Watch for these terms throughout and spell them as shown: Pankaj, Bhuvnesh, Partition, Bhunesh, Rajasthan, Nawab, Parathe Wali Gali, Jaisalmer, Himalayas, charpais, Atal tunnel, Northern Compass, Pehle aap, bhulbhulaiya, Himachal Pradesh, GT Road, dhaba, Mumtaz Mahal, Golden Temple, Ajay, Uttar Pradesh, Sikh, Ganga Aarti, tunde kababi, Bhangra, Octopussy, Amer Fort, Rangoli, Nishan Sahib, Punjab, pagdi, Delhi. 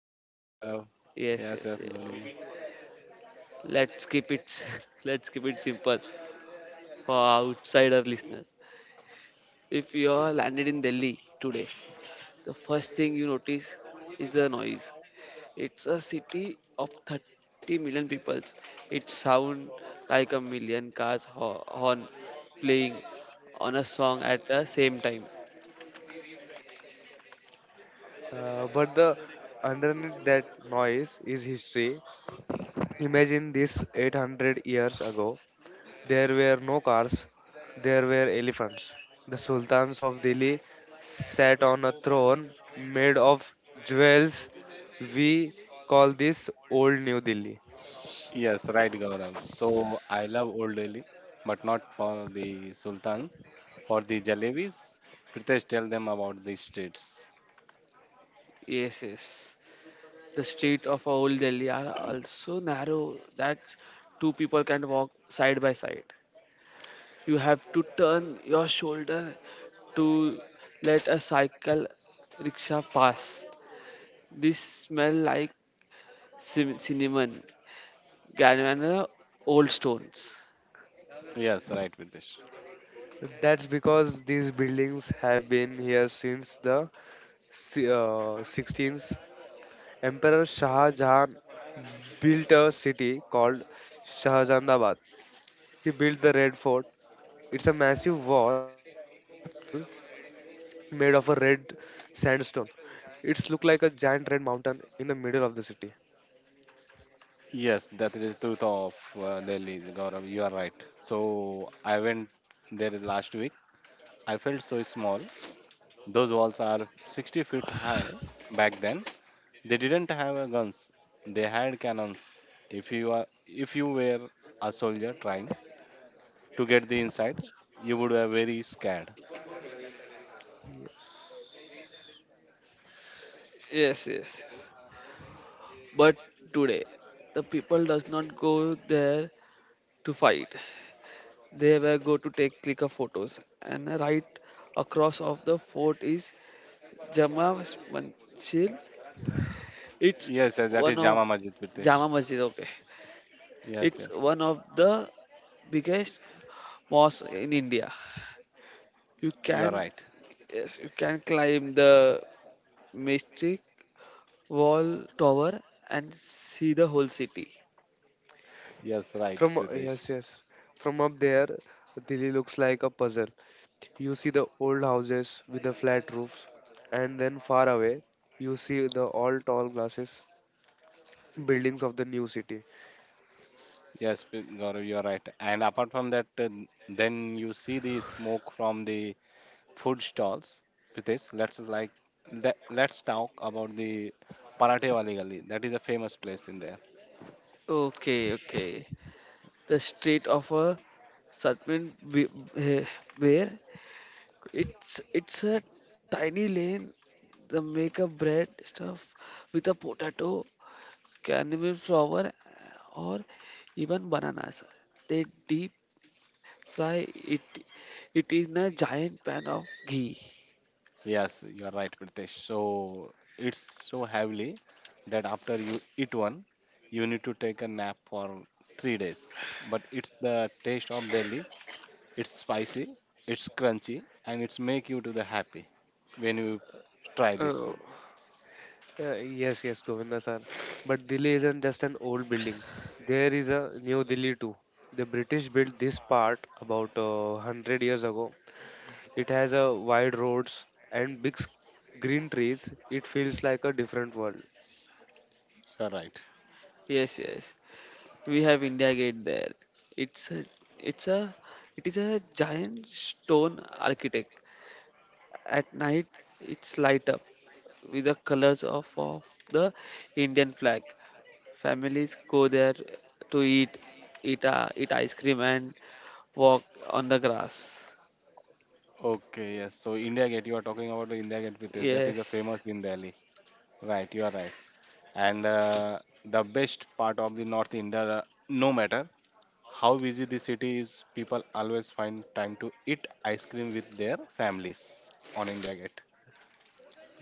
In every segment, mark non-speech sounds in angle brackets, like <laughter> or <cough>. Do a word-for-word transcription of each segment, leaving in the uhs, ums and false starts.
Hello, Hello everyone. Gaurav. Yes, yes, Yes, yes, yes. Gaurav. Let's keep it <laughs> let's keep it simple for outsider listeners. If you are landed in Delhi today, the first thing you notice is the noise. It's a city of thirty million people. It sounds like a million cars ho- horn playing on a song at the same time. Uh, but the underneath that noise is history. Imagine this eight hundred years ago. There were no cars, there were elephants. The sultans of Delhi sat on a throne made of jewels. We call this Old New Delhi. Yes, right, Gaurav. So I love Old Delhi, but not for the Sultan, for the jalebis. Pritesh, tell them about the streets. Yes, yes. The street of old Delhi are also narrow that two people can walk side by side. You have to turn your shoulder to let a cycle rickshaw pass. This smell like cin- cinnamon, garam, uh, old stones. Yes, right, Pritesh. That's because these buildings have been here since the si- uh, sixteenth Emperor Shah Jahan built a city called Shahjahanabad. He built the Red Fort. It's a massive wall made of a red sandstone. It's look like a giant red mountain in the middle of the city. Yes, that is the truth of uh, Delhi, Gaurav. You are right. So I went there last week. I felt so small. Those walls are sixty feet high back then. They didn't have a guns. They had cannons. If you are, if you were a soldier trying to get the inside, you would be very scared. Yes. Yes, yes, yes. But today, the people does not go there to fight. They were go to take click of photos. And right across of the fort is Jama Masjid. Yes, It's yes, that is Jama one Masjid, of Pritesh. Jama Masjid. Okay, Yes, it's yes, one of the biggest mosque in India. You you are can right. Yes, you can climb the mystic wall tower and see the whole city. Yes, right, From Pritesh. Yes, yes. From up there, Delhi looks like a puzzle. You see the old houses with the flat roofs, and then far away, you see the all tall glasses buildings of the new city. Yes, P- Gaurav, you are right. And apart from that, uh, then you see the smoke from the food stalls. Pritesh, let's like let, let's talk about the Parathe Wali Gali. That is a famous place in there. Okay, okay. The street of a certain wi- eh, where it's it's a tiny lane the make a bread stuff with a potato caramel flour or even bananas. They deep fry it it is in a giant pan of ghee. Yes, you are right, Pritesh. So it's so heavily that after you eat one, you need to take a nap for three days. But it's the taste of Delhi. It's spicy, it's crunchy, and it's make you to the happy when you try this Oh, food. Uh, yes, yes, Govinda sir. But Delhi isn't just an old building. There is a new Delhi too. The British built this part about uh, a hundred years ago. It has a wide roads and big s- green trees. It feels like a different world. You are right. yes, yes. We have India Gate there. it's a it's a it is a giant stone architect. At night it's light up with the colors of, of the Indian flag. Families go there to eat, eat, uh, eat ice cream and walk on the grass. Okay, yes. So India Gate, you are talking about the India Gate, Pritesh. That is a Yes, famous in Delhi. Right, you are right. And uh, the best part of the North India, uh, no matter how busy the city is, people always find time to eat ice cream with their families on India Gate.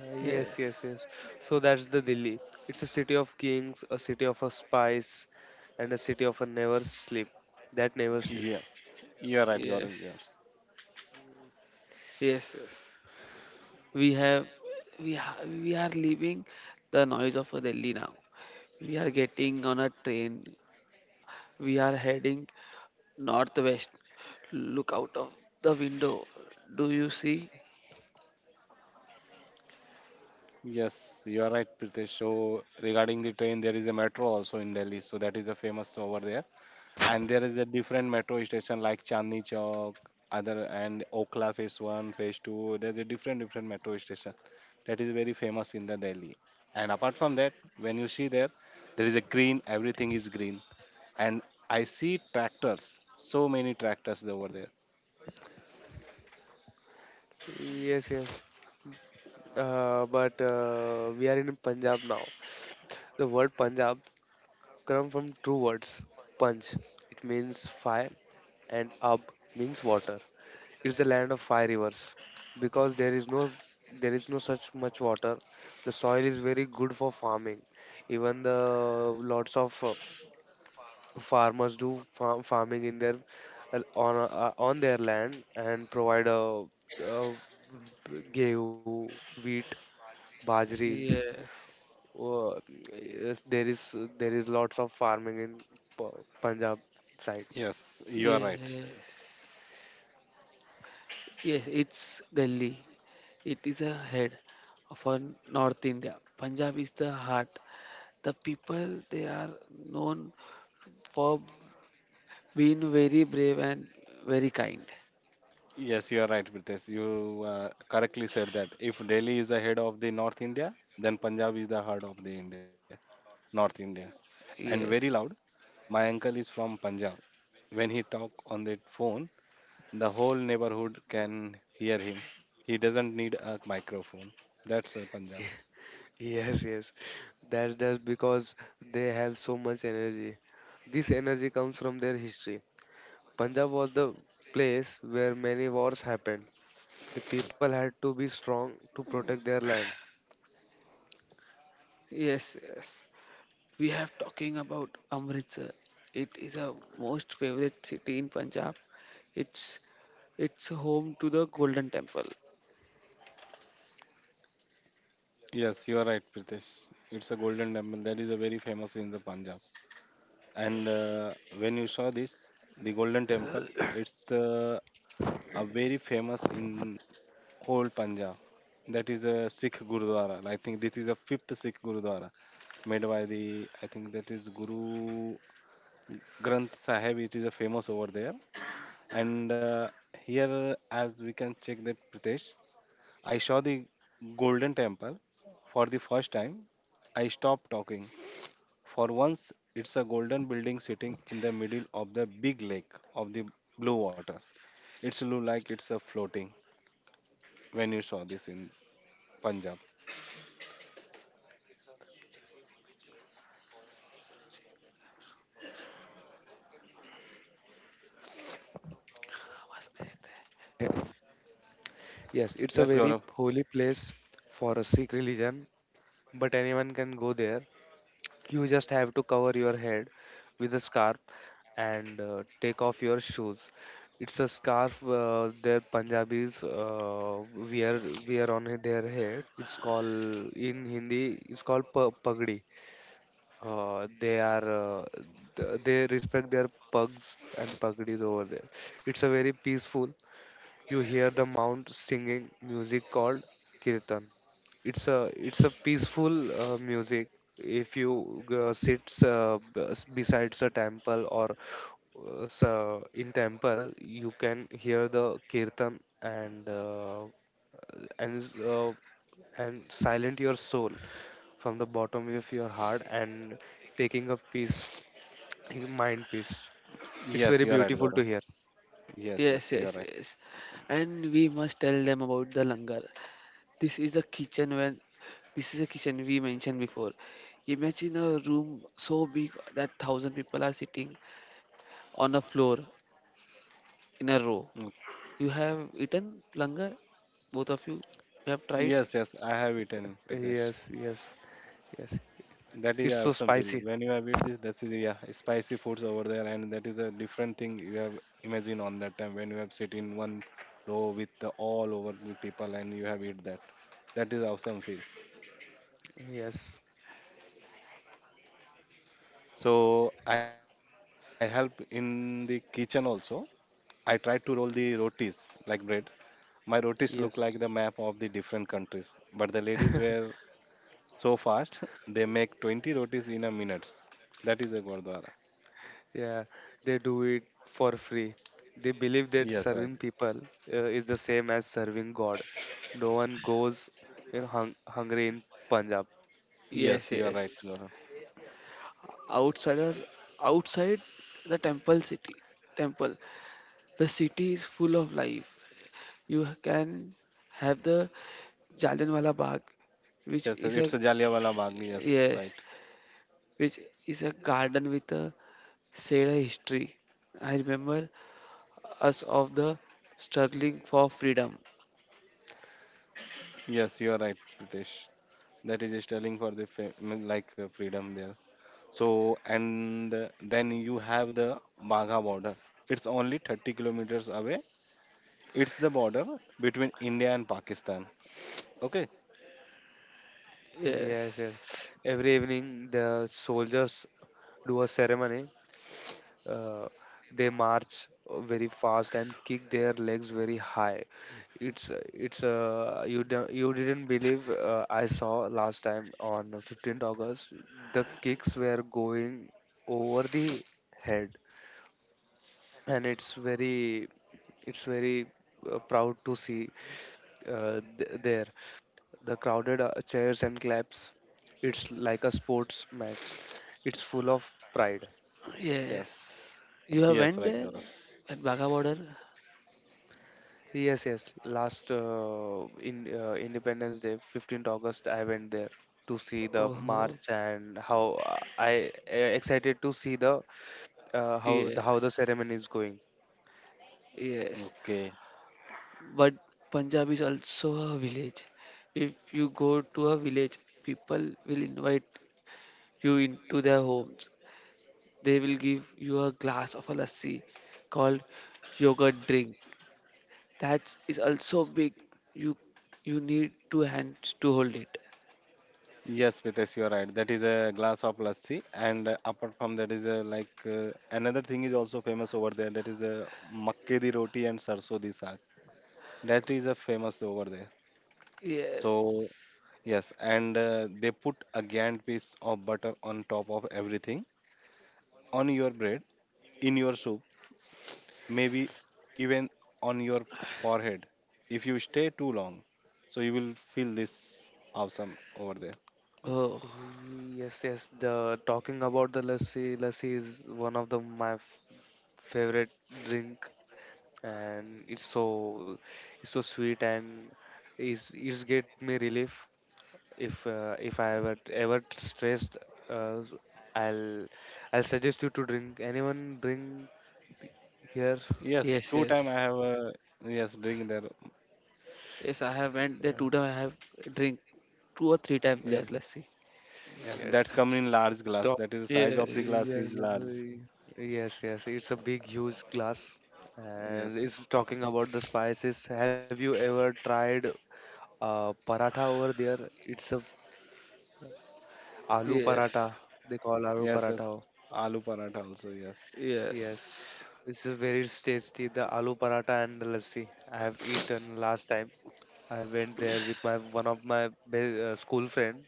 Uh, yes, yes, yes, yes. So that's the Delhi. It's a city of kings, a city of a spice, and a city of a never sleep. That never sleep. Yes, you are right, Gaurav. you yes, are- Right. yes, yes. We have, we ha- We are leaving the noise of Delhi now. We are getting on a train. We are heading northwest. Look out of the window. Do you see? Yes, you are right, Pritesh. So regarding the train, there is a metro also in Delhi, so that is a famous over there. And there is a different metro station like Chandni Chowk, other and Okla Phase One, Phase Two. There's a different different metro station that is very famous in the Delhi. And apart from that, when you see there, there is a green. Everything is green and I see tractors, so many tractors over there. Yes, yes. Uh, but uh, we are in Punjab now. The word Punjab come from two words. Punch, it means fire, and ab means water. It's the land of five rivers because there is no there is no such much water. The soil is very good for farming. Even the lots of uh, farmers do farm, farming in their uh, on uh, on their land and provide uh, uh, gehu, wheat, bajris Yes, uh, yes, there is there is lots of farming in P- Punjab side. Yes, you are right. yes. Yes, it's Delhi. It is a head for North India. Punjab is the heart. The people they are known for being very brave and very kind. Yes, you are right, Pritesh. You uh, correctly said that if Delhi is the head of the North India, then Punjab is the heart of the India, North India. And very Yes, loud, my uncle is from Punjab. When he talk on the phone, the whole neighborhood can hear him. He doesn't need a microphone. That's uh, Punjab. Yes, yes. That's just because they have so much energy. This energy comes from their history. Punjab was the place where many wars happened. The people had to be strong to protect their land. yes, yes. We have talking about Amritsar. It is a most favorite city in Punjab. It's it's home to the Golden Temple. Yes, you are right, Pritesh. It's a golden temple that is a very famous in the Punjab. And uh, when you saw this, the Golden Temple, it's uh, a very famous in whole Punjab. That is a Sikh Gurudwara. I think this is a fifth Sikh Gurudwara made by the, I think that is Guru Granth Sahib. It is a famous over there. And uh, here, as we can check that Pritesh, I saw the Golden Temple for the first time. I stopped talking for once, it's a golden building sitting in the middle of the big lake of the blue water. It's look like it's a floating when you saw this in Punjab. Yes, it's a Yes, very Gaurav. holy place for a Sikh religion, but anyone can go there. You just have to cover your head with a scarf and uh, take off your shoes. It's a scarf uh, their Punjabis uh, wear wear on their head. It's called in Hindi. It's called pa- pagdi. Uh, they are, uh, th- they respect their pugs and pagdis over there. It's a very peaceful. You hear the mount singing music called kirtan. It's a it's a peaceful uh, music. If you uh, sits uh, bes- besides a temple or uh, s- uh, in temple you can hear the kirtan and uh, and uh, and silent your soul from the bottom of your heart and taking a peace mind peace. It's Yes, very you are right, beautiful Gaurav. to hear. Yes, Yes, yes, you are yes, right. yes. And we must tell them about the langar. This is the kitchen when this is a kitchen we mentioned before. Imagine a room so big that thousand people are sitting on a floor in a row. Mm. You have eaten langar, both of you. You have tried. Yes, yes, I have eaten Pradesh. Yes, yes, yes. That is It's so awesome feel. spicy. When you have eat this, that is yeah, spicy foods over there, and that is a different thing you have imagine on that time when you have sit in one row with the, all over the people and you have eat that. That is awesome feel. Yes, So I help in the kitchen also. I try to roll the rotis like bread. My rotis look like the yes. map of the different countries, but the ladies were so fast. <laughs> They make twenty rotis in a minute. That is a Gurdwara. Yeah, they do it for free. They believe that Yes, right. serving people uh, is the same as serving God. No one goes, you know, hung- hungry in Punjab. Yes, Yes, you are right. yes. Gaurav. outsider Outside the temple city, temple the city is full of life. You can have the Jallianwala Bagh, which Yes, yes, is a, it's a Jallianwala Bagh. Yes, yes, right. which is a garden with a Seda history. I remember us of the struggling for freedom. Yes, you are right, Pritesh. That is sterling for the fa- mean, like uh, freedom there. So and uh, then you have the Bagha border. It's only thirty kilometers away. It's the border between India and Pakistan. Okay. Yes, Yes, yes. Every evening, the soldiers do a ceremony. Uh, they march uh, very fast and kick their legs very high. It's it's uh, you do, you didn't believe uh, I saw last time on fifteenth August. The kicks were going over the head, and it's very it's very uh, proud to see uh, th- there the crowded uh, chairs and claps. It's like a sports match. It's full of pride. Yes. yes. Yes, You right, have Gaurav. went there at Bagha border. Yes, yes. Last uh, in uh, Independence Day, August fifteenth, I went there to see the Oh, march and how uh, I uh, excited to see the uh, how the how the yes, ceremony is going. yes. Okay. But Punjab is also a village. If you go to a village, people will invite you into their homes. They will give you a glass of a lassi called yogurt drink. That is also big. You you need two hands to hold it. Yes, Pritesh, you are right. That is a glass of lassi, and uh, apart from that is a, like uh, another thing is also famous over there. That is a makke di roti and sarso di saag. That is a famous over there. So Yes. yes, and uh, they put a giant piece of butter on top of everything on your bread in your soup, maybe even on your forehead if you stay too long, so you will feel this awesome over there. Oh, Yes, yes. The talking about the lassi. Lassi is one of the my f- favorite drink, and it's so it's so sweet and is it's it's get me relief if uh, if I ever ever stressed, uh, I'll I'll suggest you to drink. Anyone drink here? Yes, yes, two time I yes. have a, yes, drink there. Yes, I have went there Yeah. today. I have drink two or three times there. Okay. Yes, Let's see. yeah, Yes. that's coming in S- large glass. Stop. That is the size of the Yes. glass is Yes. uh, large. Yes. Yes. It's a big, huge glass, and Yes, it's talking about the spices. Have you ever tried uh, paratha over there? It's a aloo paratha. Yes. They call aloo yes, paratha. yes, aloo paratha also. Yes. Yes, Yes. this is very tasty. The aloo paratha and the lassi. I have eaten last time. I went there with my one of my be- uh, school friend.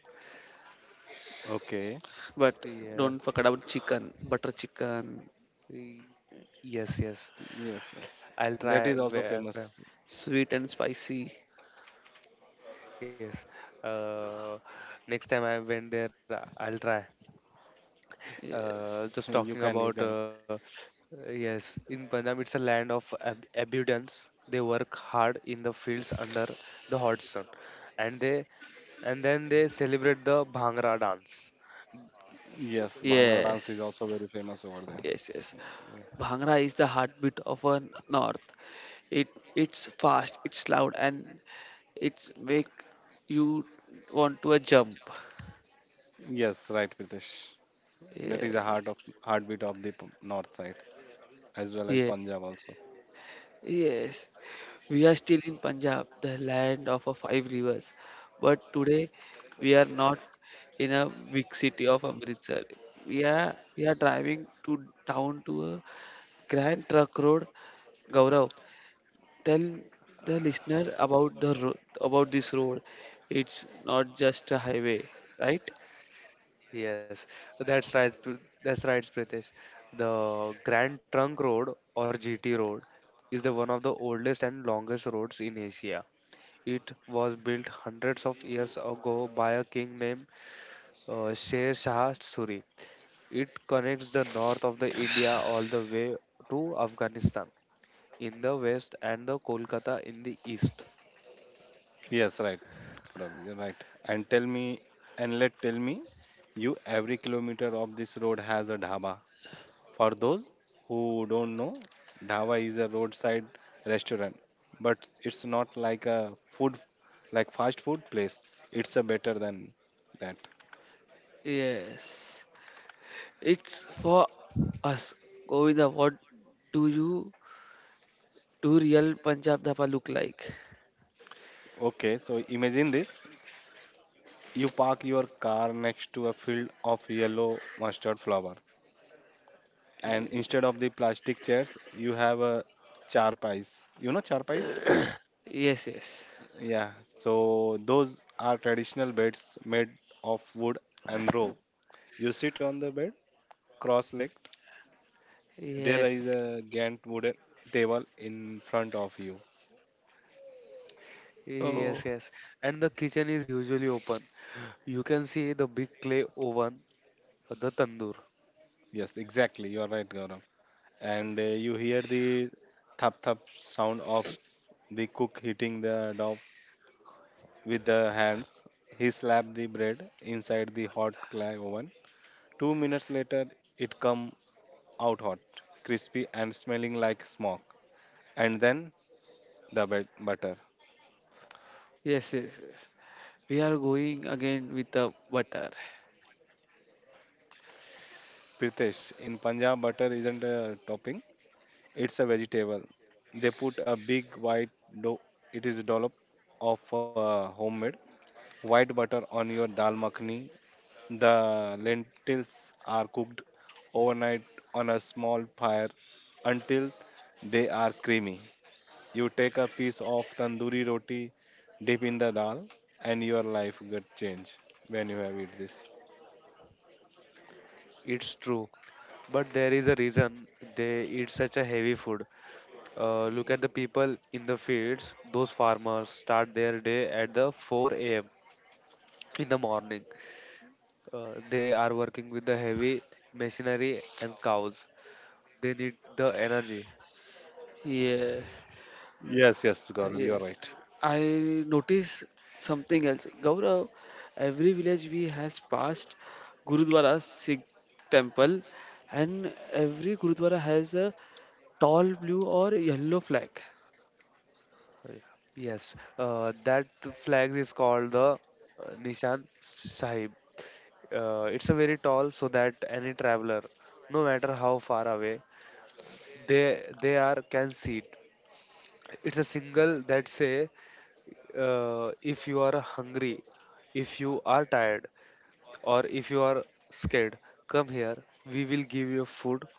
Okay, But Yeah. don't forget about chicken, butter chicken, Y- Yes, yes. yes, yes, I'll that try. is also where- where- famous. sweet and spicy. Yes. Uh, Next time I went there, I'll try. Uh, just You can, Yes. talking you can, about, uh, yes, in Punjab, it's a land of ab- abundance. They work hard in the fields under the hot sun, and they and then they celebrate the Bhangra dance. yes. Bhangra dance Yes. is also very famous over there. Yes, yes. Yeah. Bhangra is the heartbeat of our north. It it's fast, it's loud, and it's make you want to a jump. Yes, right, Pritesh. That is the heart Yes, of heartbeat of the p- north side, as well as yeah, Punjab also. yes. We are still in Punjab, the land of a five rivers, but today we are not in a big city of Amritsar. We are we are driving to down to a grand truck road, Gaurav. Tell the listener about the ro- about this road. It's not just a highway, right? Yes, that's right. Pr- That's right, Pritesh. The Grand Trunk Road or G T Road is the one of the oldest and longest roads in Asia. It was built hundreds of years ago by a king named uh, Sher Shah Suri. It connects the north of the India all the way to Afghanistan in the west and the Kolkata in the east. Yes, right, Gaurav, you're right. And tell me, and let tell me, you every kilometer of this road has a dhaba. For those who don't know, dhaba is a roadside restaurant, but it's not like a food, like fast food place. It's a better than that. Yes. It's for us, Govinda. What do you do real Punjab dhaba look like? Okay, so imagine this: you park your car next to a field of yellow mustard flower, and Ye- instead of the plastic chairs you have a charpais. You know charpais? Yes, yes. Yeah, so those are traditional beds made of wood and rope. You sit on the bed cross-legged. There is Yes. a gant wooden table in front of you. Yes, Oh, yes. And the kitchen is usually open. You can see the big clay oven, the tandoor. Yes, exactly, you are right, Gaurav. And uh, you hear the thap thap sound of the cook hitting the dough with the hands. He slapped the bread inside the hot clay oven. Two minutes later it come out hot, crispy and smelling like smoke. And then the bet- butter. yes, yes, yes. We are going again with the butter. Pritesh, in Punjab, butter isn't a topping, it's a vegetable. They put a big white dough, it is dollop of uh, homemade white butter on your dal makhani. The lentils are cooked overnight on a small fire until they are creamy. You take a piece of tandoori roti, dip in the dal, and your life get change when you have eat this. It's true. But there is a reason they eat such a heavy food. Uh, look at the people in the fields. Those farmers start their day at the four a m in the morning. Uh, they are working with the heavy machinery and cows. They need the energy. Yes. Yes, yes, Gaurav, you are Yes, right. I notice something else, Gaurav. Every village we has passed Gurudwara Sikh temple, and every Gurudwara has a tall blue or yellow flag. Uh, Yes, uh, that flag is called the uh, Nishan Sahib. Uh, it's a very tall so that any traveler, no matter how far away they they are, can see it. It's a single that say, uh, if you are hungry, if you are tired, or if you are scared, come here. We will give you food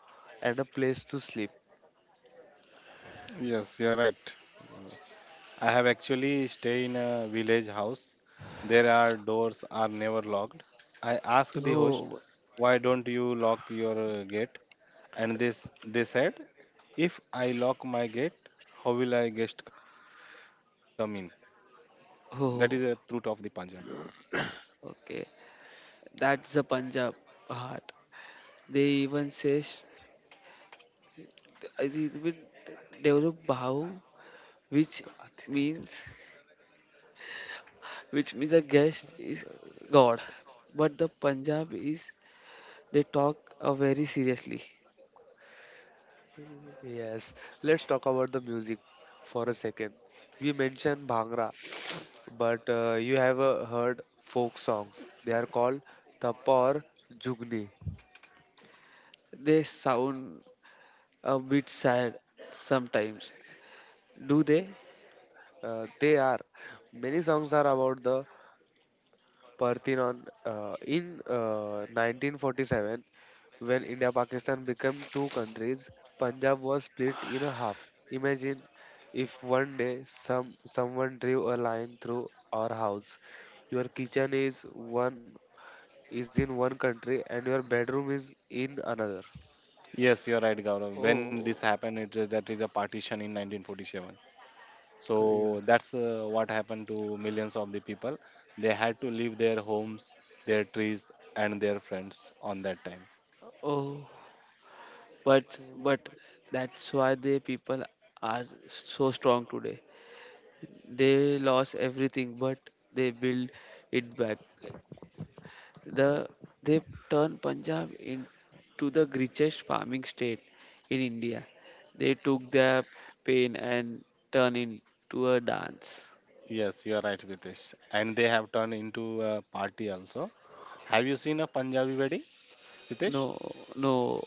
and a place to sleep. Yes, you are right. I have actually stay in a village house. There are doors are never locked. I asked the host, Oh, why don't you lock your uh, gate? And this they said, if I lock my gate, how will I guest come in? That is a truth of the oh, Punjab. okay. That's the Punjab heart. They even say sh- I think it will develop Bhau, which means which means a guest is God, but the Punjab is. They talk uh, very seriously. Yes, let's talk about the music for a second. We mentioned Bhangra, but uh, you have uh, heard folk songs. They are called Tappa or Jugni. They sound a bit sad sometimes. Do they? Uh, they are many songs are about the Parthenon uh, in uh, nineteen forty-seven when India Pakistan became two countries. Punjab was split in a half. Imagine if one day some someone drew a line through our house. Your kitchen is one is in one country and your bedroom is in another. Yes, you're right, Gaurav. When this Oh, happened, it is that is a partition in nineteen forty-seven. So that's uh, what happened to millions of the people. They had to leave their homes, their trees, and their friends on that time. oh. But but Yeah. that's why the people are so strong today. They lost everything, but they build it back. The they turned Punjab into the richest farming state in India. They took their pain and turned into a dance. Yes, you're right, Vitesh. And they have turned into a party also. Have you seen a Punjabi wedding, Vitesh? No, no.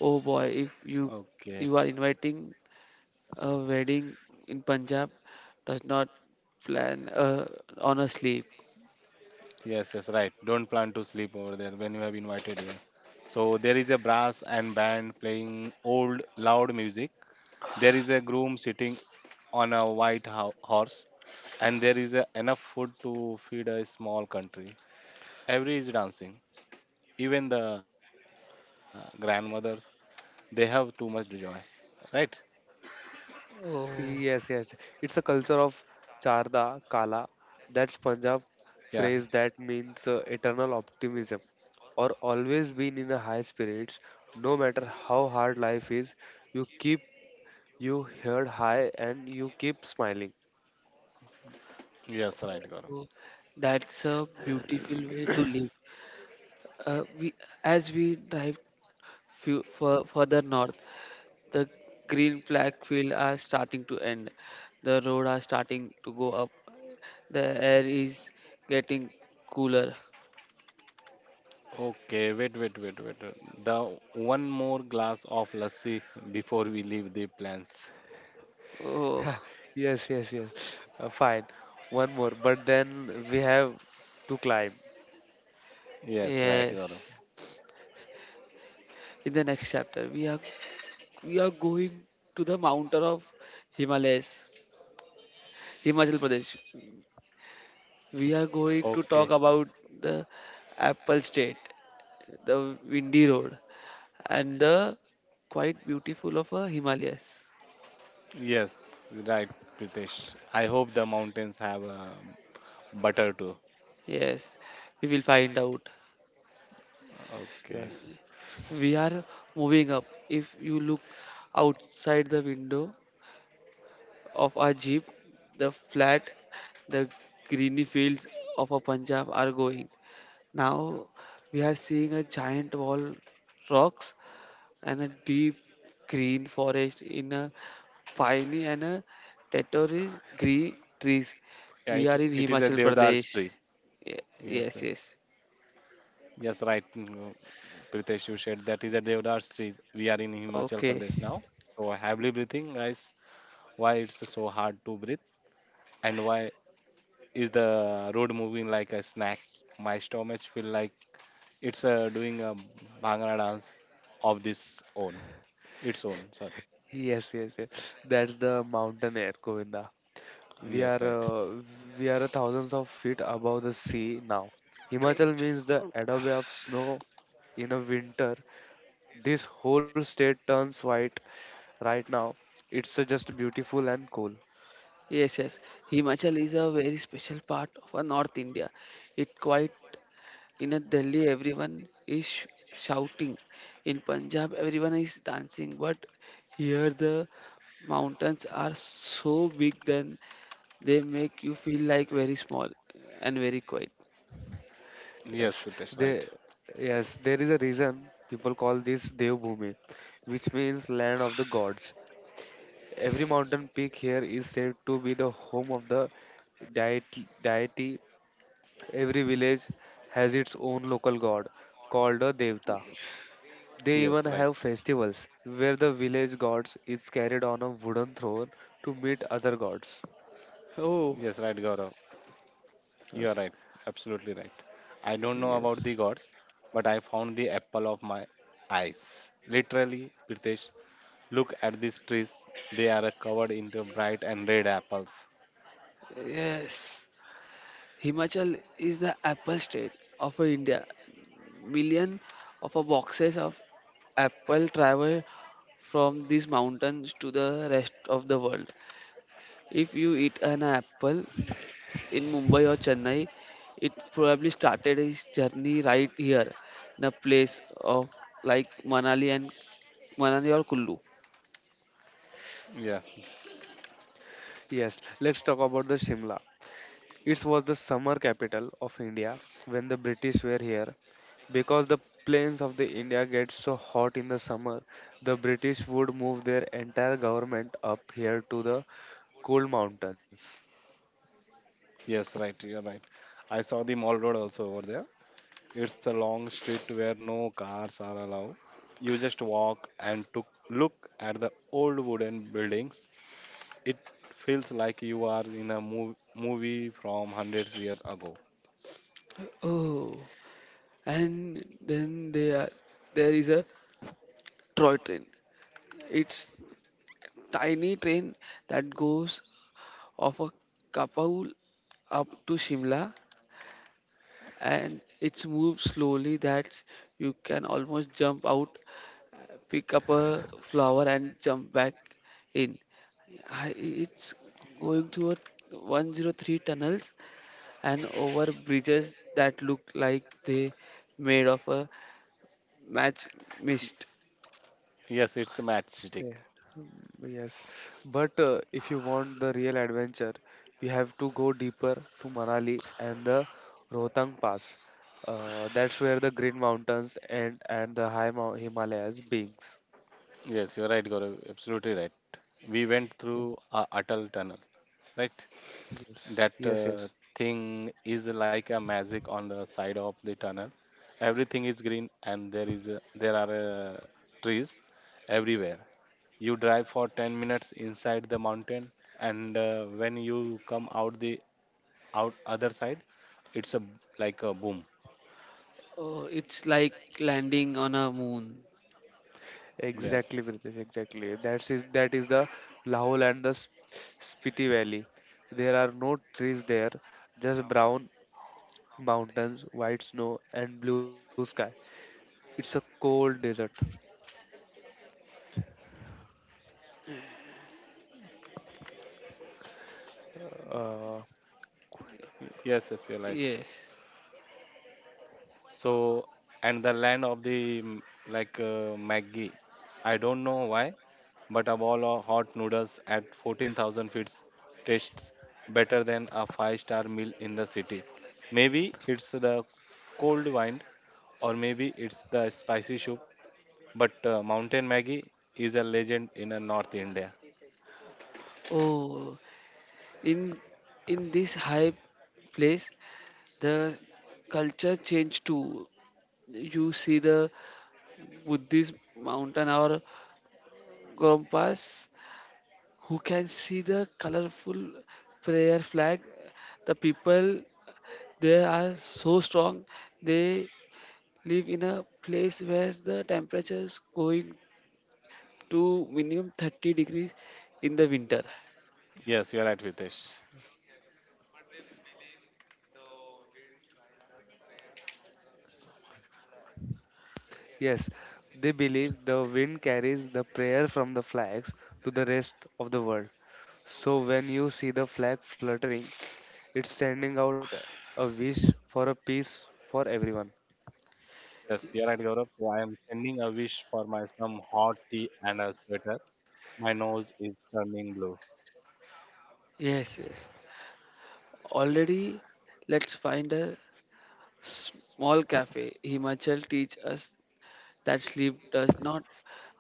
Oh boy, if you Okay. you are inviting a wedding in Punjab, does not plan uh, on a sleep. Yes, yes, right. Don't plan to sleep over there when you have invited here. So there is a brass and band playing old loud music. There is a groom sitting on a white ho- horse, and there is uh, enough food to feed a small country. Every is dancing, even the grandmothers. They have too much joy, right? Oh, Yes, yes. It's a culture of Charda Kala. That's Punjab Yeah, phrase that means uh, eternal optimism or always being in a high spirits. No matter how hard life is, you keep you head high and you keep smiling. yes, right, Gaurav. oh, that's a beautiful way to live. Uh, we as we drive few, fur, further north, the green flag fields are starting to end. The road are starting to go up. The air is getting cooler. Okay, wait, wait, wait, wait. wait. The one more glass of lassi before we leave the plants. Oh, <laughs> Yes, yes, yes. Uh, fine. One more, but then we have to climb. Yes, right, Gaurav. yes. In the next chapter, We are we are going to the mountain of Himalayas, Himachal Pradesh. We are going to talk Okay. about the Apple State, the windy road, and the quite beautiful of a Himalayas. Yes, right, Pritesh. I hope the mountains have uh, butter too. Yes, we will find out. Okay. Yes. We are moving up. If you look outside the window of our jeep, the flat, the greeny fields of a Punjab are going. Now we are seeing a giant wall rocks and a deep green forest in a piney and a territory green trees. Yeah, We it, are in it is a Himachal Devdar's Pradesh. tree. Ye- Yes. Yes, yes. Yes, right, mm, Pritesh, you said that is a Devdar street. We are in Himachal Okay. Pradesh now. So heavily breathing, guys. Why it's so hard to breathe, and why is the road moving like a snack? My stomach feel like it's uh, doing a Bhangra dance of this own, its own. Sorry. Yes, yes, yes. That's the mountain air, Govinda. We are Yes, right. uh, we are thousands of feet above the sea now. Himachal means the adobe of snow in a winter. This whole state turns white right now. It's uh, just beautiful and cool. Yes, yes. Himachal is a very special part of our North India. It quite In a Delhi, everyone is sh- shouting. In Punjab, everyone is dancing. But here, the mountains are so big then they make you feel like very small and very quiet. Yes, Yes, Pritesh, they right. yes there is a reason people call this Devbhoomi, which means land of the gods. Every mountain peak here is said to be the home of the deity. deity. Every village has its own local god called a devta. They even Yes, have right. festivals where the village gods is carried on a wooden throne to meet other gods. Oh, Yes, right, Gaurav. You are Yes. right, absolutely right. I don't know about Yes. the gods, but I found the apple of my eyes. Literally, Pritesh, look at these trees. They are covered in the bright and red apples. yes. Himachal is the apple state of India. Million of a boxes of apple travel from these mountains to the rest of the world. If you eat an apple in Mumbai or Chennai, it probably started his journey right here in a place of like Manali and Manali or Kullu. Yes, Yes, let's talk about the Shimla. It was the summer capital of India when the British were here. Because the plains of the India get so hot in the summer, the British would move their entire government up here to the cold mountains. yes, right, you're right. I saw the mall road also over there. It's a long street where no cars are allowed. You just walk and to look at the old wooden buildings. It feels like you are in a mov- movie from hundreds years ago. Oh, and then there there is a toy train. It's tiny train that goes off a Kapaul up to Shimla, and it's moved slowly that you can almost jump out, pick up a flower and jump back in. I- it's going through a one oh three tunnels and over bridges that look like they made of a match mist. Yes, it's a matchstick. Yeah, mm, yes, but uh, if you want the real adventure, you have to go deeper to Manali and the Rohtang Pass. Uh, that's where the Green Mountains and and the high Mou- Himalayas beings. Yes, you're right, Gaurav. Absolutely right. We went Yeah. through a Atal tunnel, right? Yes, That yes, uh, yes. thing is like a magic on the side of the tunnel. Everything is green, and there is a, there are uh, trees everywhere. You drive for ten minutes inside the mountain, and uh, when you come out the out other side, it's a like a boom. Oh, it's like landing on a moon. Exactly, Yes, Pritesh, exactly. That is that is the Lahul and the S- Spiti Valley. There are no trees there, just brown mountains, white snow, and blue sky. It's a cold desert. Uh, Y- yes, yes, you're right. Yes. So, and the land of the mm, like uh, Maggie. I don't know why, but a bowl of hot noodles at fourteen thousand feet tastes better than a five-star meal in the city. Maybe it's the cold wine, or maybe it's the spicy soup. But uh, Mountain Maggie is a legend in uh, North India. Oh, in in this high place, the culture changed too. You see the Buddhist mountain or Gompas, who can see the colorful prayer flag. The people they are so strong. They live in a place where the temperature is going to minimum thirty degrees in the winter. Yes, you're right, Vitesh. yes, they believe the wind carries the prayer from the flags to the rest of the world. So when you see the flag fluttering, it's sending out a wish for a peace for everyone. Yes, you're right, Gaurav. So I am sending a wish for my some hot tea and a sweater. My nose is turning blue. Yes, yes. Already, let's find a small cafe. Himachal teach us that sleep does not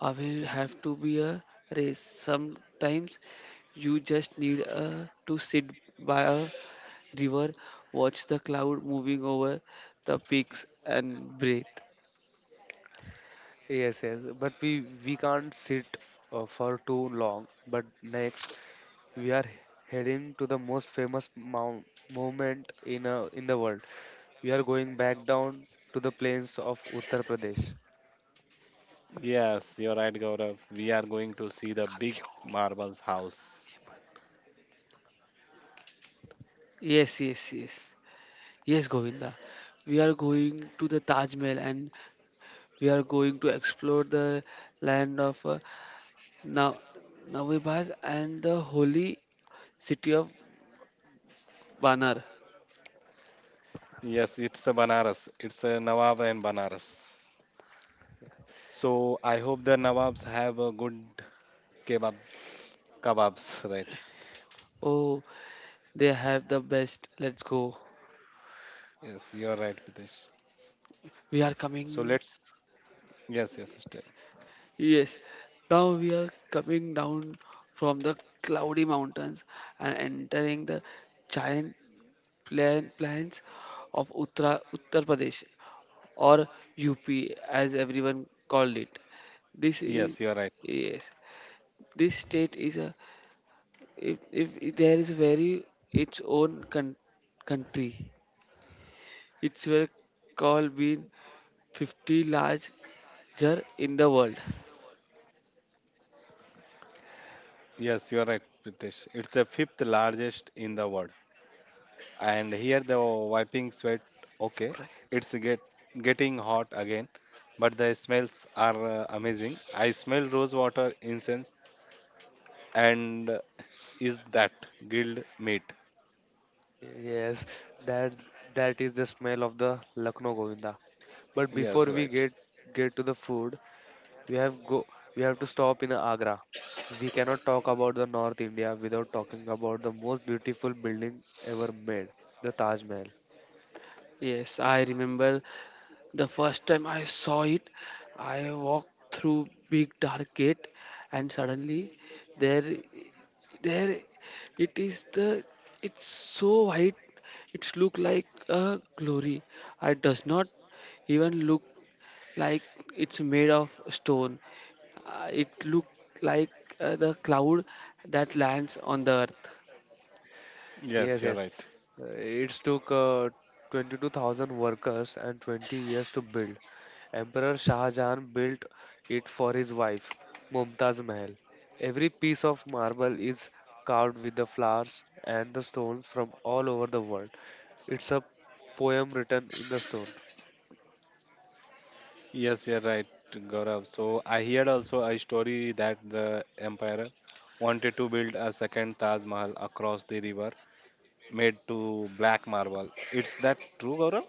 always have to be a race. Sometimes you just need a, to sit by a river, watch the cloud moving over the peaks, and breathe. Yes, yes, but we we can't sit uh, for too long. But next, we are heading to the most famous mount movement in uh, in the world. We are going back down to the plains of Uttar Pradesh. Yes, you're right, Gaurav. We are going to see the big marble house. Yes, yes, yes. Yes, Govinda. We are going to the Taj Mahal and we are going to explore the land of uh, Na- Navibaz and the holy city of Vanar. Yes, it's a Banaras. It's a Nawab and Banaras. So I hope the Nawabs have a good kebabs. Kebabs, <laughs> right? Oh, they have the best. Let's go. Yes, you're right, Pritesh. We are So coming. let's. Yes, yes, yes. Yes. Now we are coming down from the cloudy mountains and entering the giant plain plains of Uttar Uttar Pradesh, or U P as everyone called it. This is, Yes, you're right. yes, this state is a, if if if there is, very its own con- country. It's were called being fifty larger in the world. Yes, you're right, Pritesh. It's the fifth largest in the world. And here the wiping sweat, okay, it's get getting hot again, but the smells are uh, amazing. I smell rose water, incense, and uh, is that grilled meat? Yes, that that is the smell of the Lucknow Govinda. But before Yes, we right. get get to the food, we have go we have to stop in Agra. We cannot talk about the North India without talking about the most beautiful building ever made, the Taj Mahal. Yes, I remember the first time I saw it. I walked through big dark gate, and suddenly there there it is. The It's so white, it's look like a glory. I does not even look like it's made of stone. Uh, it look like, uh, the cloud that lands on the earth. Yes, Yes, you're yes. right. Uh, It's took uh, twenty-two thousand workers and twenty years to build. Emperor Shah Jahan built it for his wife, Mumtaz Mahal. Every piece of marble is carved with the flowers and the stones from all over the world. It's a poem written in the stone. Yes, you're right, Gaurav, so I heard also a story that the emperor wanted to build a second Taj Mahal across the river made to black marble. It's that true, Gaurav?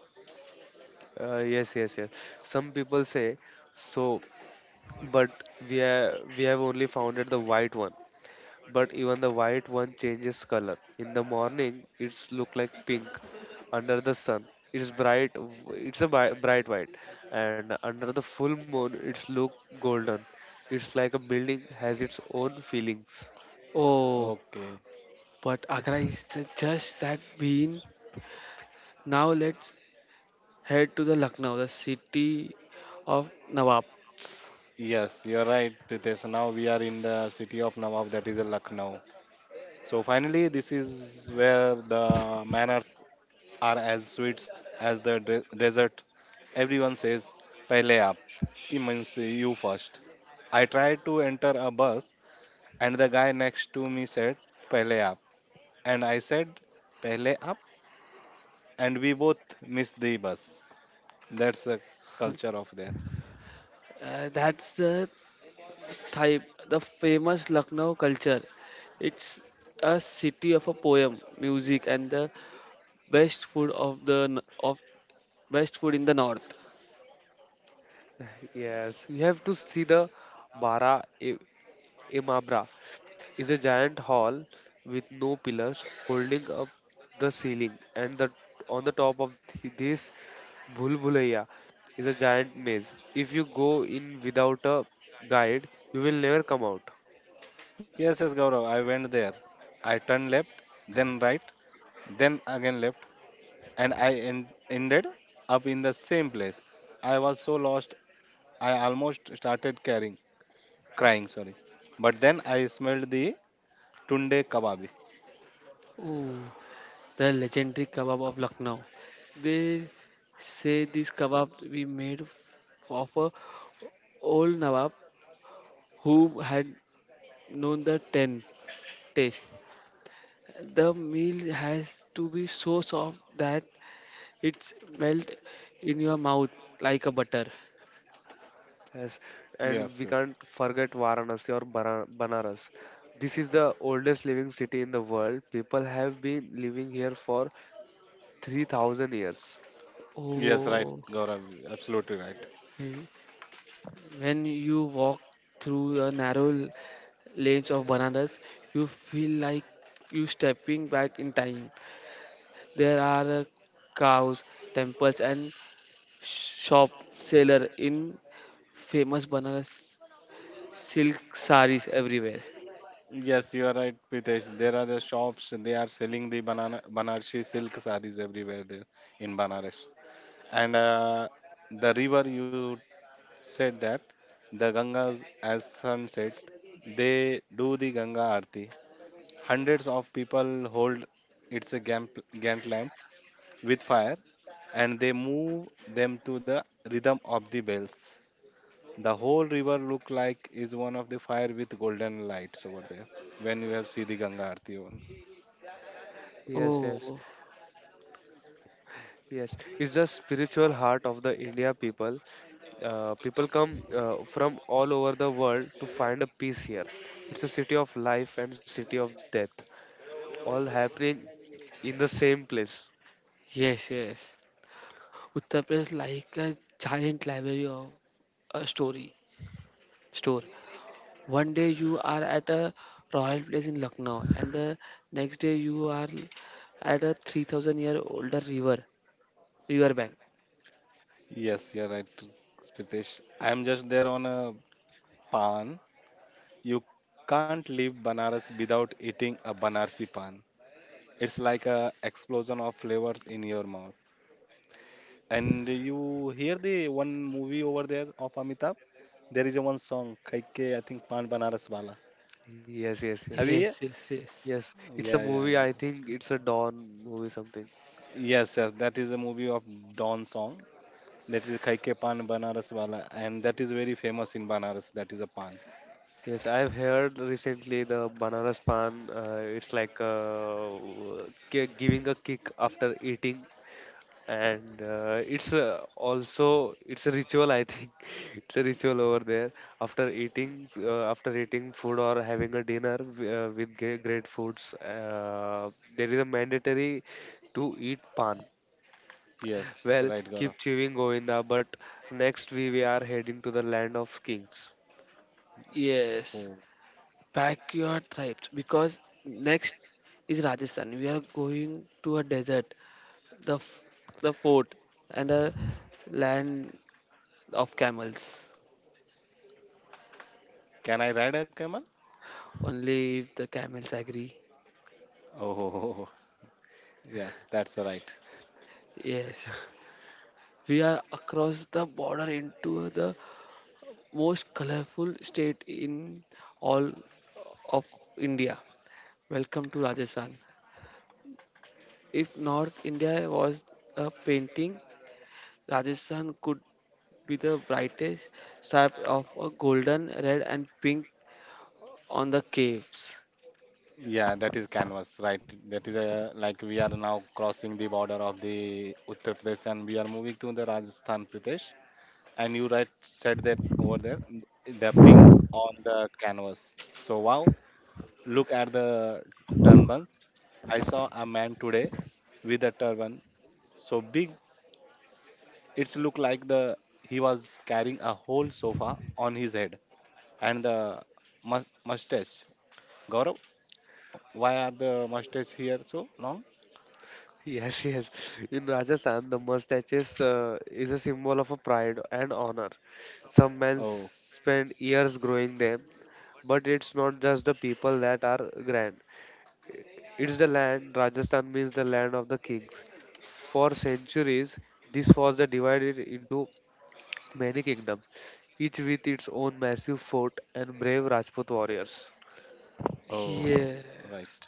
Uh, yes, yes, yes. Some people say so, but we have, we have only founded the white one. But even the white one changes color. In the morning, it's look like pink. Under the sun, it's bright. w- It's a bi- bright white, and under the full moon, it's look golden. It's like a building has its own feelings. Oh, Okay. but Agra is the, just that bean. Now let's head to the Lucknow, the city of nawabs. Yes, you're right, Pritesh. Now we are in the city of Nawab, that is uh, Lucknow. So finally, this is where the manners are as sweet as the de- desert. Everyone says, "Pehle aap," it means uh, you first. I tried to enter a bus, and the guy next to me said, "Pehle aap," and I said, "Pehle aap," and we both missed the bus. That's the culture of there. Uh, that's the Thaip, the famous Lucknow culture. It's a city of a poem, music, and the best food of the n- of best food in the north. Yes, you have to see the Bara I- Imabra is a giant hall with no pillars holding up the ceiling and the on the top of th- this bhulbhulaiya is a giant maze. If you go in without a guide, you will never come out. Yes, yes, Gaurav, I went there. I turned left, then right, then again left, and I en- ended up in the same place. I was so lost, I almost started caring, crying. Sorry, but then I smelled the tunde kababi. Ooh, the legendary kebab of Lucknow. They say this kebab we made f- of a old nawab who had known the ten taste. The meal has to be so soft that it's melt in your mouth like a butter. Yes, and Yes, we yes, can't forget Varanasi or Bara- Banaras. This is the oldest living city in the world. People have been living here for three thousand years. yes, right, Oh. Gaurav, absolutely right. Mm. When you walk through a narrow l- lanes of bananas, you feel like you stepping back in time. There are uh, cows, temples, and shop seller in famous bananas silk saris everywhere. Yes, you are right, Pritesh. There are the shops, they are selling the banana, Banarsi silk sarees everywhere there in Banaras. And uh, the river, you said that the Gangas as sunset, they do the Ganga Aarti. Hundreds of people hold, it's a gamp- Gantt lamp with fire, and they move them to the rhythm of the bells. The whole river look like is one of the fire with golden lights over there when you have see the Ganga Aarti on. Yes, yes. Oh, Yes, it's the spiritual heart of the India people. Uh, people come uh, from all over the world to find a peace here. It's a city of life and city of death, all happening in the same place. yes, yes. Uttar Pradesh like a giant library of a story store. One day you are at a royal place in Lucknow, and the next day you are at a three thousand year older river, river bank. Yes, you're right, Pritesh. I'm just there on a pan. You can't leave Banaras without eating a Banarsi pan. It's like a explosion of flavors in your mouth. And you hear the one movie over there of Amitabh? There is a one song, Kaike, I think Pan Banaras Wala. Yes, yes, Have you yes. hear? Yes, yes, yes. Yes, it's Yeah, a yeah, movie. yeah. I think it's a Dawn movie, something. Yes, yes, that is a movie of Don song. That is Kaike Pan Banaras Wala. And that is very famous in Banaras. That is a pan. Yes, I've heard recently the Banaras Pan. Uh, it's like uh, ki- giving a kick after eating, and uh, it's uh, also it's a ritual, I think. <laughs> It's a ritual over there after eating uh, after eating food or having a dinner w- uh, with gre- great foods. Uh, there is a mandatory to eat pan. Yes, Well, right, Gaurav. keep chewing, Govinda, but next we, we are heading to the land of kings. Yes, Oh. pack your tribes because next is Rajasthan. We are going to a desert, the f- the fort, and a land of camels. Can I ride a camel? Only if the camels agree. Oh, <laughs> yes, that's right. Yes, we are across the border into the most colorful state in all of India. Welcome to Rajasthan. If North India was a painting, Rajasthan could be the brightest stripe of a golden, red, and pink on the caves. Yeah, that is canvas, right? That is a, like we are now crossing the border of the Uttar Pradesh and we are moving to the Rajasthan Pradesh. And you right said that over there, n- the pink on the canvas. So wow, look at the turbans. I saw a man today with a turban so big it's look like the he was carrying a whole sofa on his head, and the mus- mustache. Gaurav, why are the mustache here so long? Yes, yes. In Rajasthan, the mustaches uh, is a symbol of a pride and honor. Some men s- Oh, spend years growing them, but it's not just the people that are grand. It's the land. Rajasthan means the land of the kings. For centuries, this was the divided into many kingdoms, each with its own massive fort and brave Rajput warriors. oh, Yeah. right.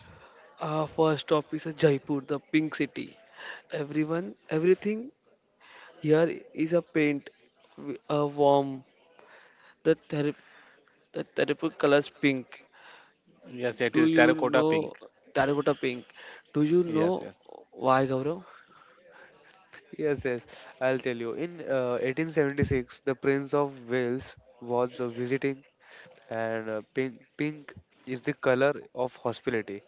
Our first stop is a Jaipur, the pink city. Everyone, everything here is a paint, w- a warm, the therap- the terrible colors pink. Yes, it Do is you terracotta know pink. Terracotta Pink? Do you Yes, know yes. why, Gaurav? Yes, yes, I'll tell you. In uh, eighteen seventy-six, the Prince of Wales was uh, visiting, and uh, pink pink is the color of hospitality.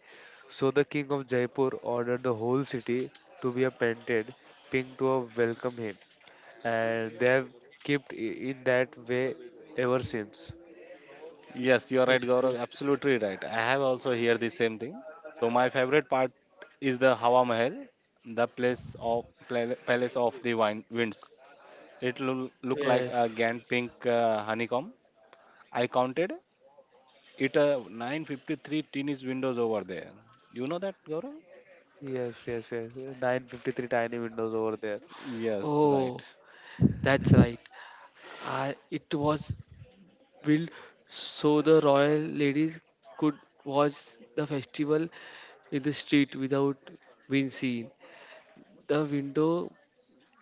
So the king of Jaipur ordered the whole city to be a painted pink to uh, welcome him, and they have kept i- in that way ever since. Yes, you are Yes, right, Gaurav. yes, yes. Absolutely right. I have also heard the same thing. So my favorite part is the Hawa Mahal, the place of pla- palace of the wine, winds. It will look like Yes. a grand pink uh, honeycomb. I counted it uh, nine five three teenage windows over there. You know that, Gaurav? Yes, yes, yes. nine hundred fifty-three tiny windows over there. Yes, right. Oh, that's right. I, it was built so the royal ladies could watch the festival in the street without being seen. The window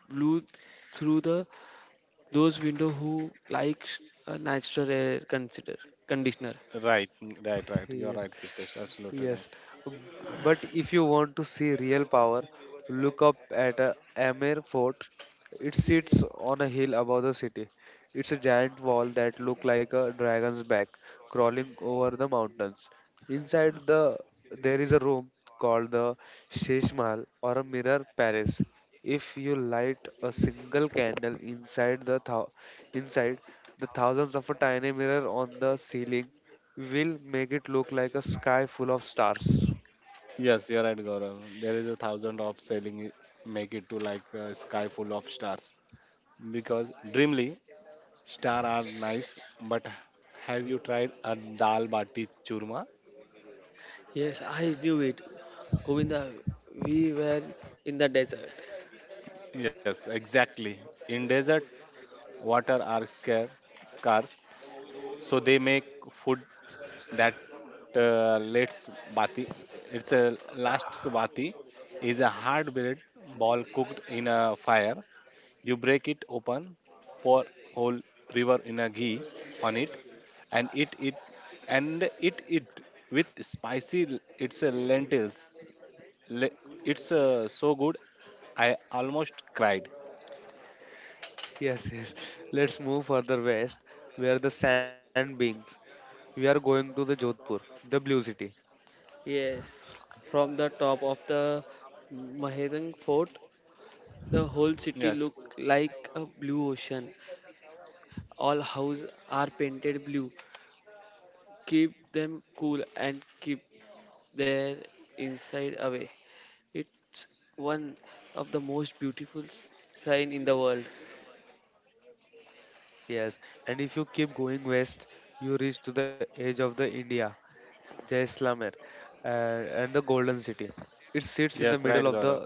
blew through the those window who likes a natural air consider conditioner. Right, right, right. You are Yeah. right, Pritesh. Absolutely right. Yes, b- but if you want to see real power, look up at a Amer Fort. It sits on a hill above the city. It's a giant wall that looks like a dragon's back crawling over the mountains. Inside the there is a room called the Shesh Mahal or a mirror palace. If you light a single candle inside the thou- inside the thousands of a tiny mirror on the ceiling will make it look like a sky full of stars. Yes, you're right, Gaurav. There is a thousand of selling it, make it to like a sky full of stars. Because dreamly, star are nice, but have you tried a dal bati churma? Yes, I knew it. Govinda, we were in the desert. Yes, exactly. In desert, water are scare, scarce, so they make food that uh, lets bati. It's a last bati is a hard bread ball cooked in a fire. You break it open, pour whole river in a ghee on it, and eat it and eat it with spicy. l- It's a lentils. Le- It's uh, so good. I almost cried. Yes, yes. Let's move further west, where the sand beings. We are going to the Jodhpur, the blue city. Yes, from the top of the Mahedang fort, the whole city Yes, looked like a blue ocean. All houses are painted blue. Keep them cool and keep their inside away. It's one of the most beautiful s- sign in the world. Yes, and if you keep going west, you reach to the edge of the India, Jaisalmer, uh, and the Golden City. It sits in the yes, middle right, of Gaurav. the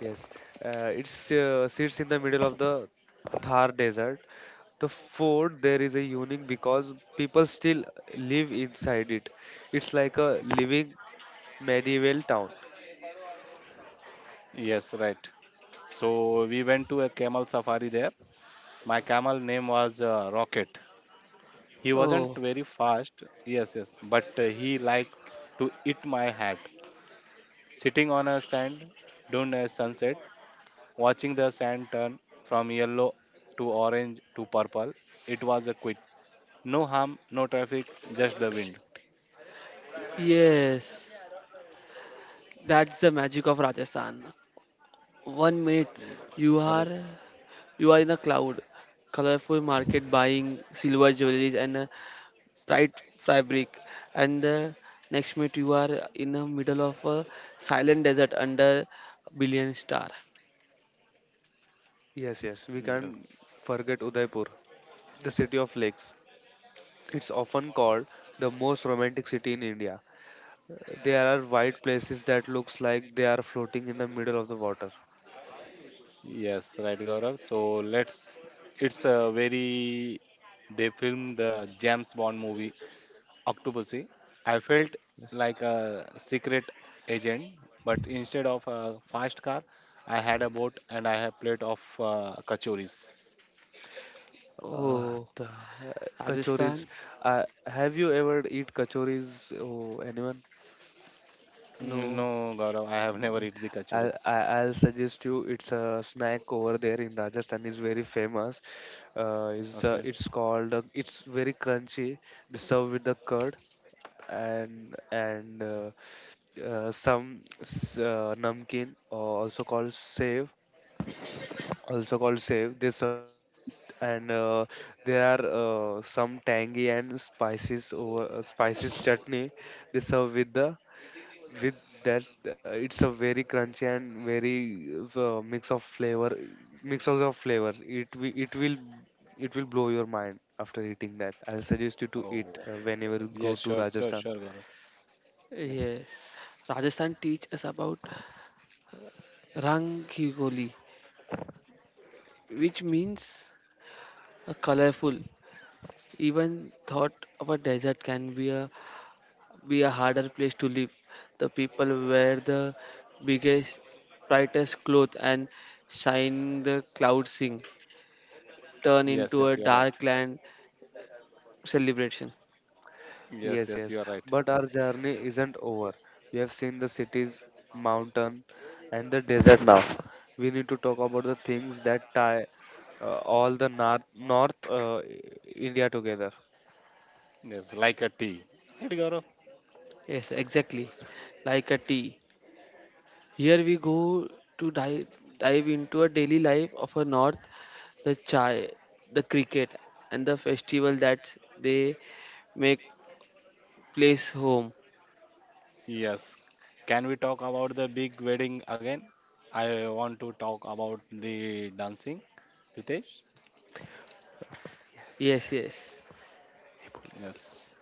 yes, uh, it uh, sits in the middle of the Thar Desert. The fort there is a unique because people still live inside it. It's like a living medieval town. Yes, right. So we went to a camel safari there. My camel name was uh, Rocket. He wasn't Oh, very fast. Yes, yes, but uh, he liked to eat my hat. Sitting on a sand during a sunset, watching the sand turn from yellow to orange to purple, it was a quit. No harm, no traffic, just the wind. yes. That's the magic of Rajasthan. One minute you Ar- are You are in a cloud, colorful market buying silver jewelries and uh, bright fabric, and uh, next minute you are in the middle of a silent desert under a billion star. Yes, yes, we can't Yes. forget Udaipur, the city of lakes. It's often called the most romantic city in India. There are white places that looks like they are floating in the middle of the water. Yes, right, Gaurav. So let's. It's a very. They filmed the James Bond movie Octopussy. I felt Yes. like a secret agent, but instead of a fast car, I had a boat and I had plate of uh, kachoris. Uh, Oh, the uh, kachoris. Rajasthan? Uh, have you ever eat kachoris? Oh, anyone? Mm, No. no, Gaurav, I have never eaten the I'll, kachoris. I- I'll suggest you it's a snack over there in Rajasthan is very famous. Uh, is uh, Okay. It's called uh, it's very crunchy. They serve with the curd, and and uh, uh, some s- uh, namkeen or also called save also called save. They serve with, and uh, there are uh, some tangy and spices over uh, spices chutney they serve with the with that. Uh, it's a very crunchy and very uh, mix of flavor mix of the flavors. It wi- it will it will blow your mind after eating that. I'll suggest you to eat Oh, uh, whenever you go yes, to sure, sure, Rajasthan. sure, Gaurav. Yes. Yes. Rajasthan teach us about Rang Rangigoli, which means a colorful. Even thought of a desert can be a be a harder place to live. The people wear the biggest, brightest clothes and shine the cloud sing, turn Yes, into yes, a you are right. dark land celebration. Yes, Yes, yes, yes, you are right. but our journey isn't over. We have seen the cities, mountain, and the desert. Now we need to talk about the things that tie uh, all the north north uh, India together. Yes, like a tea. Right, Gaurav? Yes, exactly. Like a tea. Here we go to dive, dive into a daily life of a north, the chai, the cricket, and the festival that they make place home. Yes. Can we talk about the big wedding again? I want to talk about the dancing, Pritesh. Yes, yes. Yes.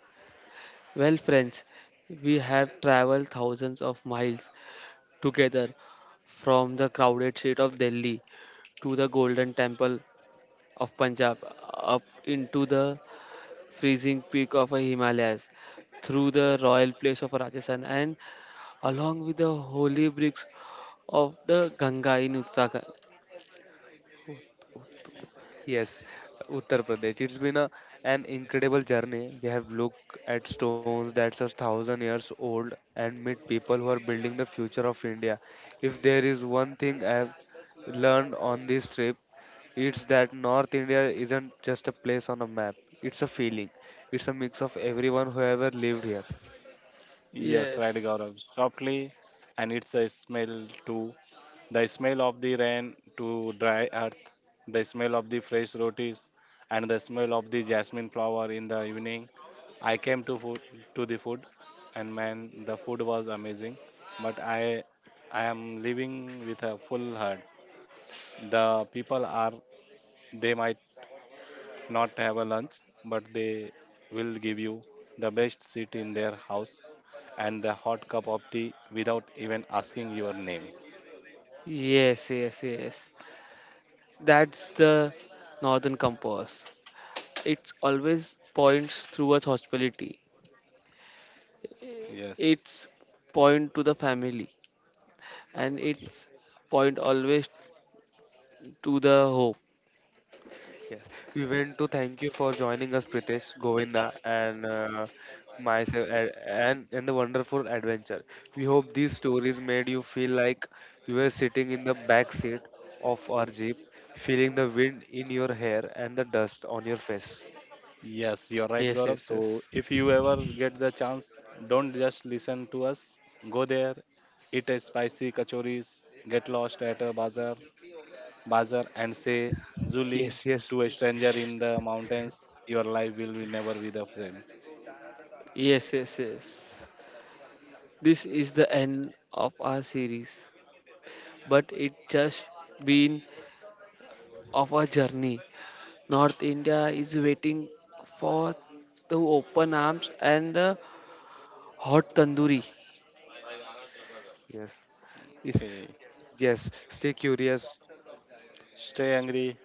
Well, friends, we have traveled thousands of miles together from the crowded street of Delhi to the golden temple of Punjab, up into the freezing peak of a Himalayas, through the royal place of Rajasthan, and along with the holy bricks of the Ganga in Uttarakhand. Yes, Uttar Pradesh. It's been a, an incredible journey. We have looked at stones that's a thousand years old and meet people who are building the future of India. If there is one thing I have learned on this trip, it's that North India isn't just a place on a map. It's a feeling. It's a mix of everyone who ever lived here. Yes, right, Yes, Gaurav. Softly, and it's a smell too. The smell of the rain to dry earth, the smell of the fresh rotis, and the smell of the jasmine flower in the evening. I came to food to the food, and man, the food was amazing. But I, I am living with a full heart. The people are they might not have a lunch, but they will give you the best seat in their house and the hot cup of tea without even asking your name. yes, yes, yes. That's the northern compass. It always points towards hospitality. Yes. It's point to the family and it's point always to the hope. Yes, we want to thank you for joining us, Pritesh, Govinda, and uh, myself, a- and in the wonderful adventure. We hope these stories made you feel like you were sitting in the back seat of our jeep, feeling the wind in your hair and the dust on your face. Yes, you're right, Yes, Gaurav. yes, So yes. if you ever get the chance, don't just listen to us. Go there, eat a spicy kachoris, get lost at a bazaar, bazaar and say Zuli Yes, to yes, a stranger in the mountains. Your life will be never be the same. Yes, yes, yes. This is the end of our series, but it just been of our journey. North India is waiting for the open arms and the hot tandoori, yes, yes, Okay. yes. Stay curious. Stay hungry.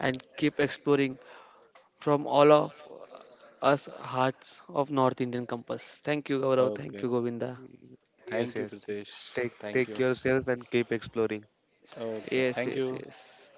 and keep exploring from all of us hearts of North Indian compass. Thank you, Gaurav. Thank you, Okay. Govinda. Yes, Thank you, yes. Pritesh. Take Thank take you. yourself and keep exploring. Okay. Yes, Thank yes, you. yes.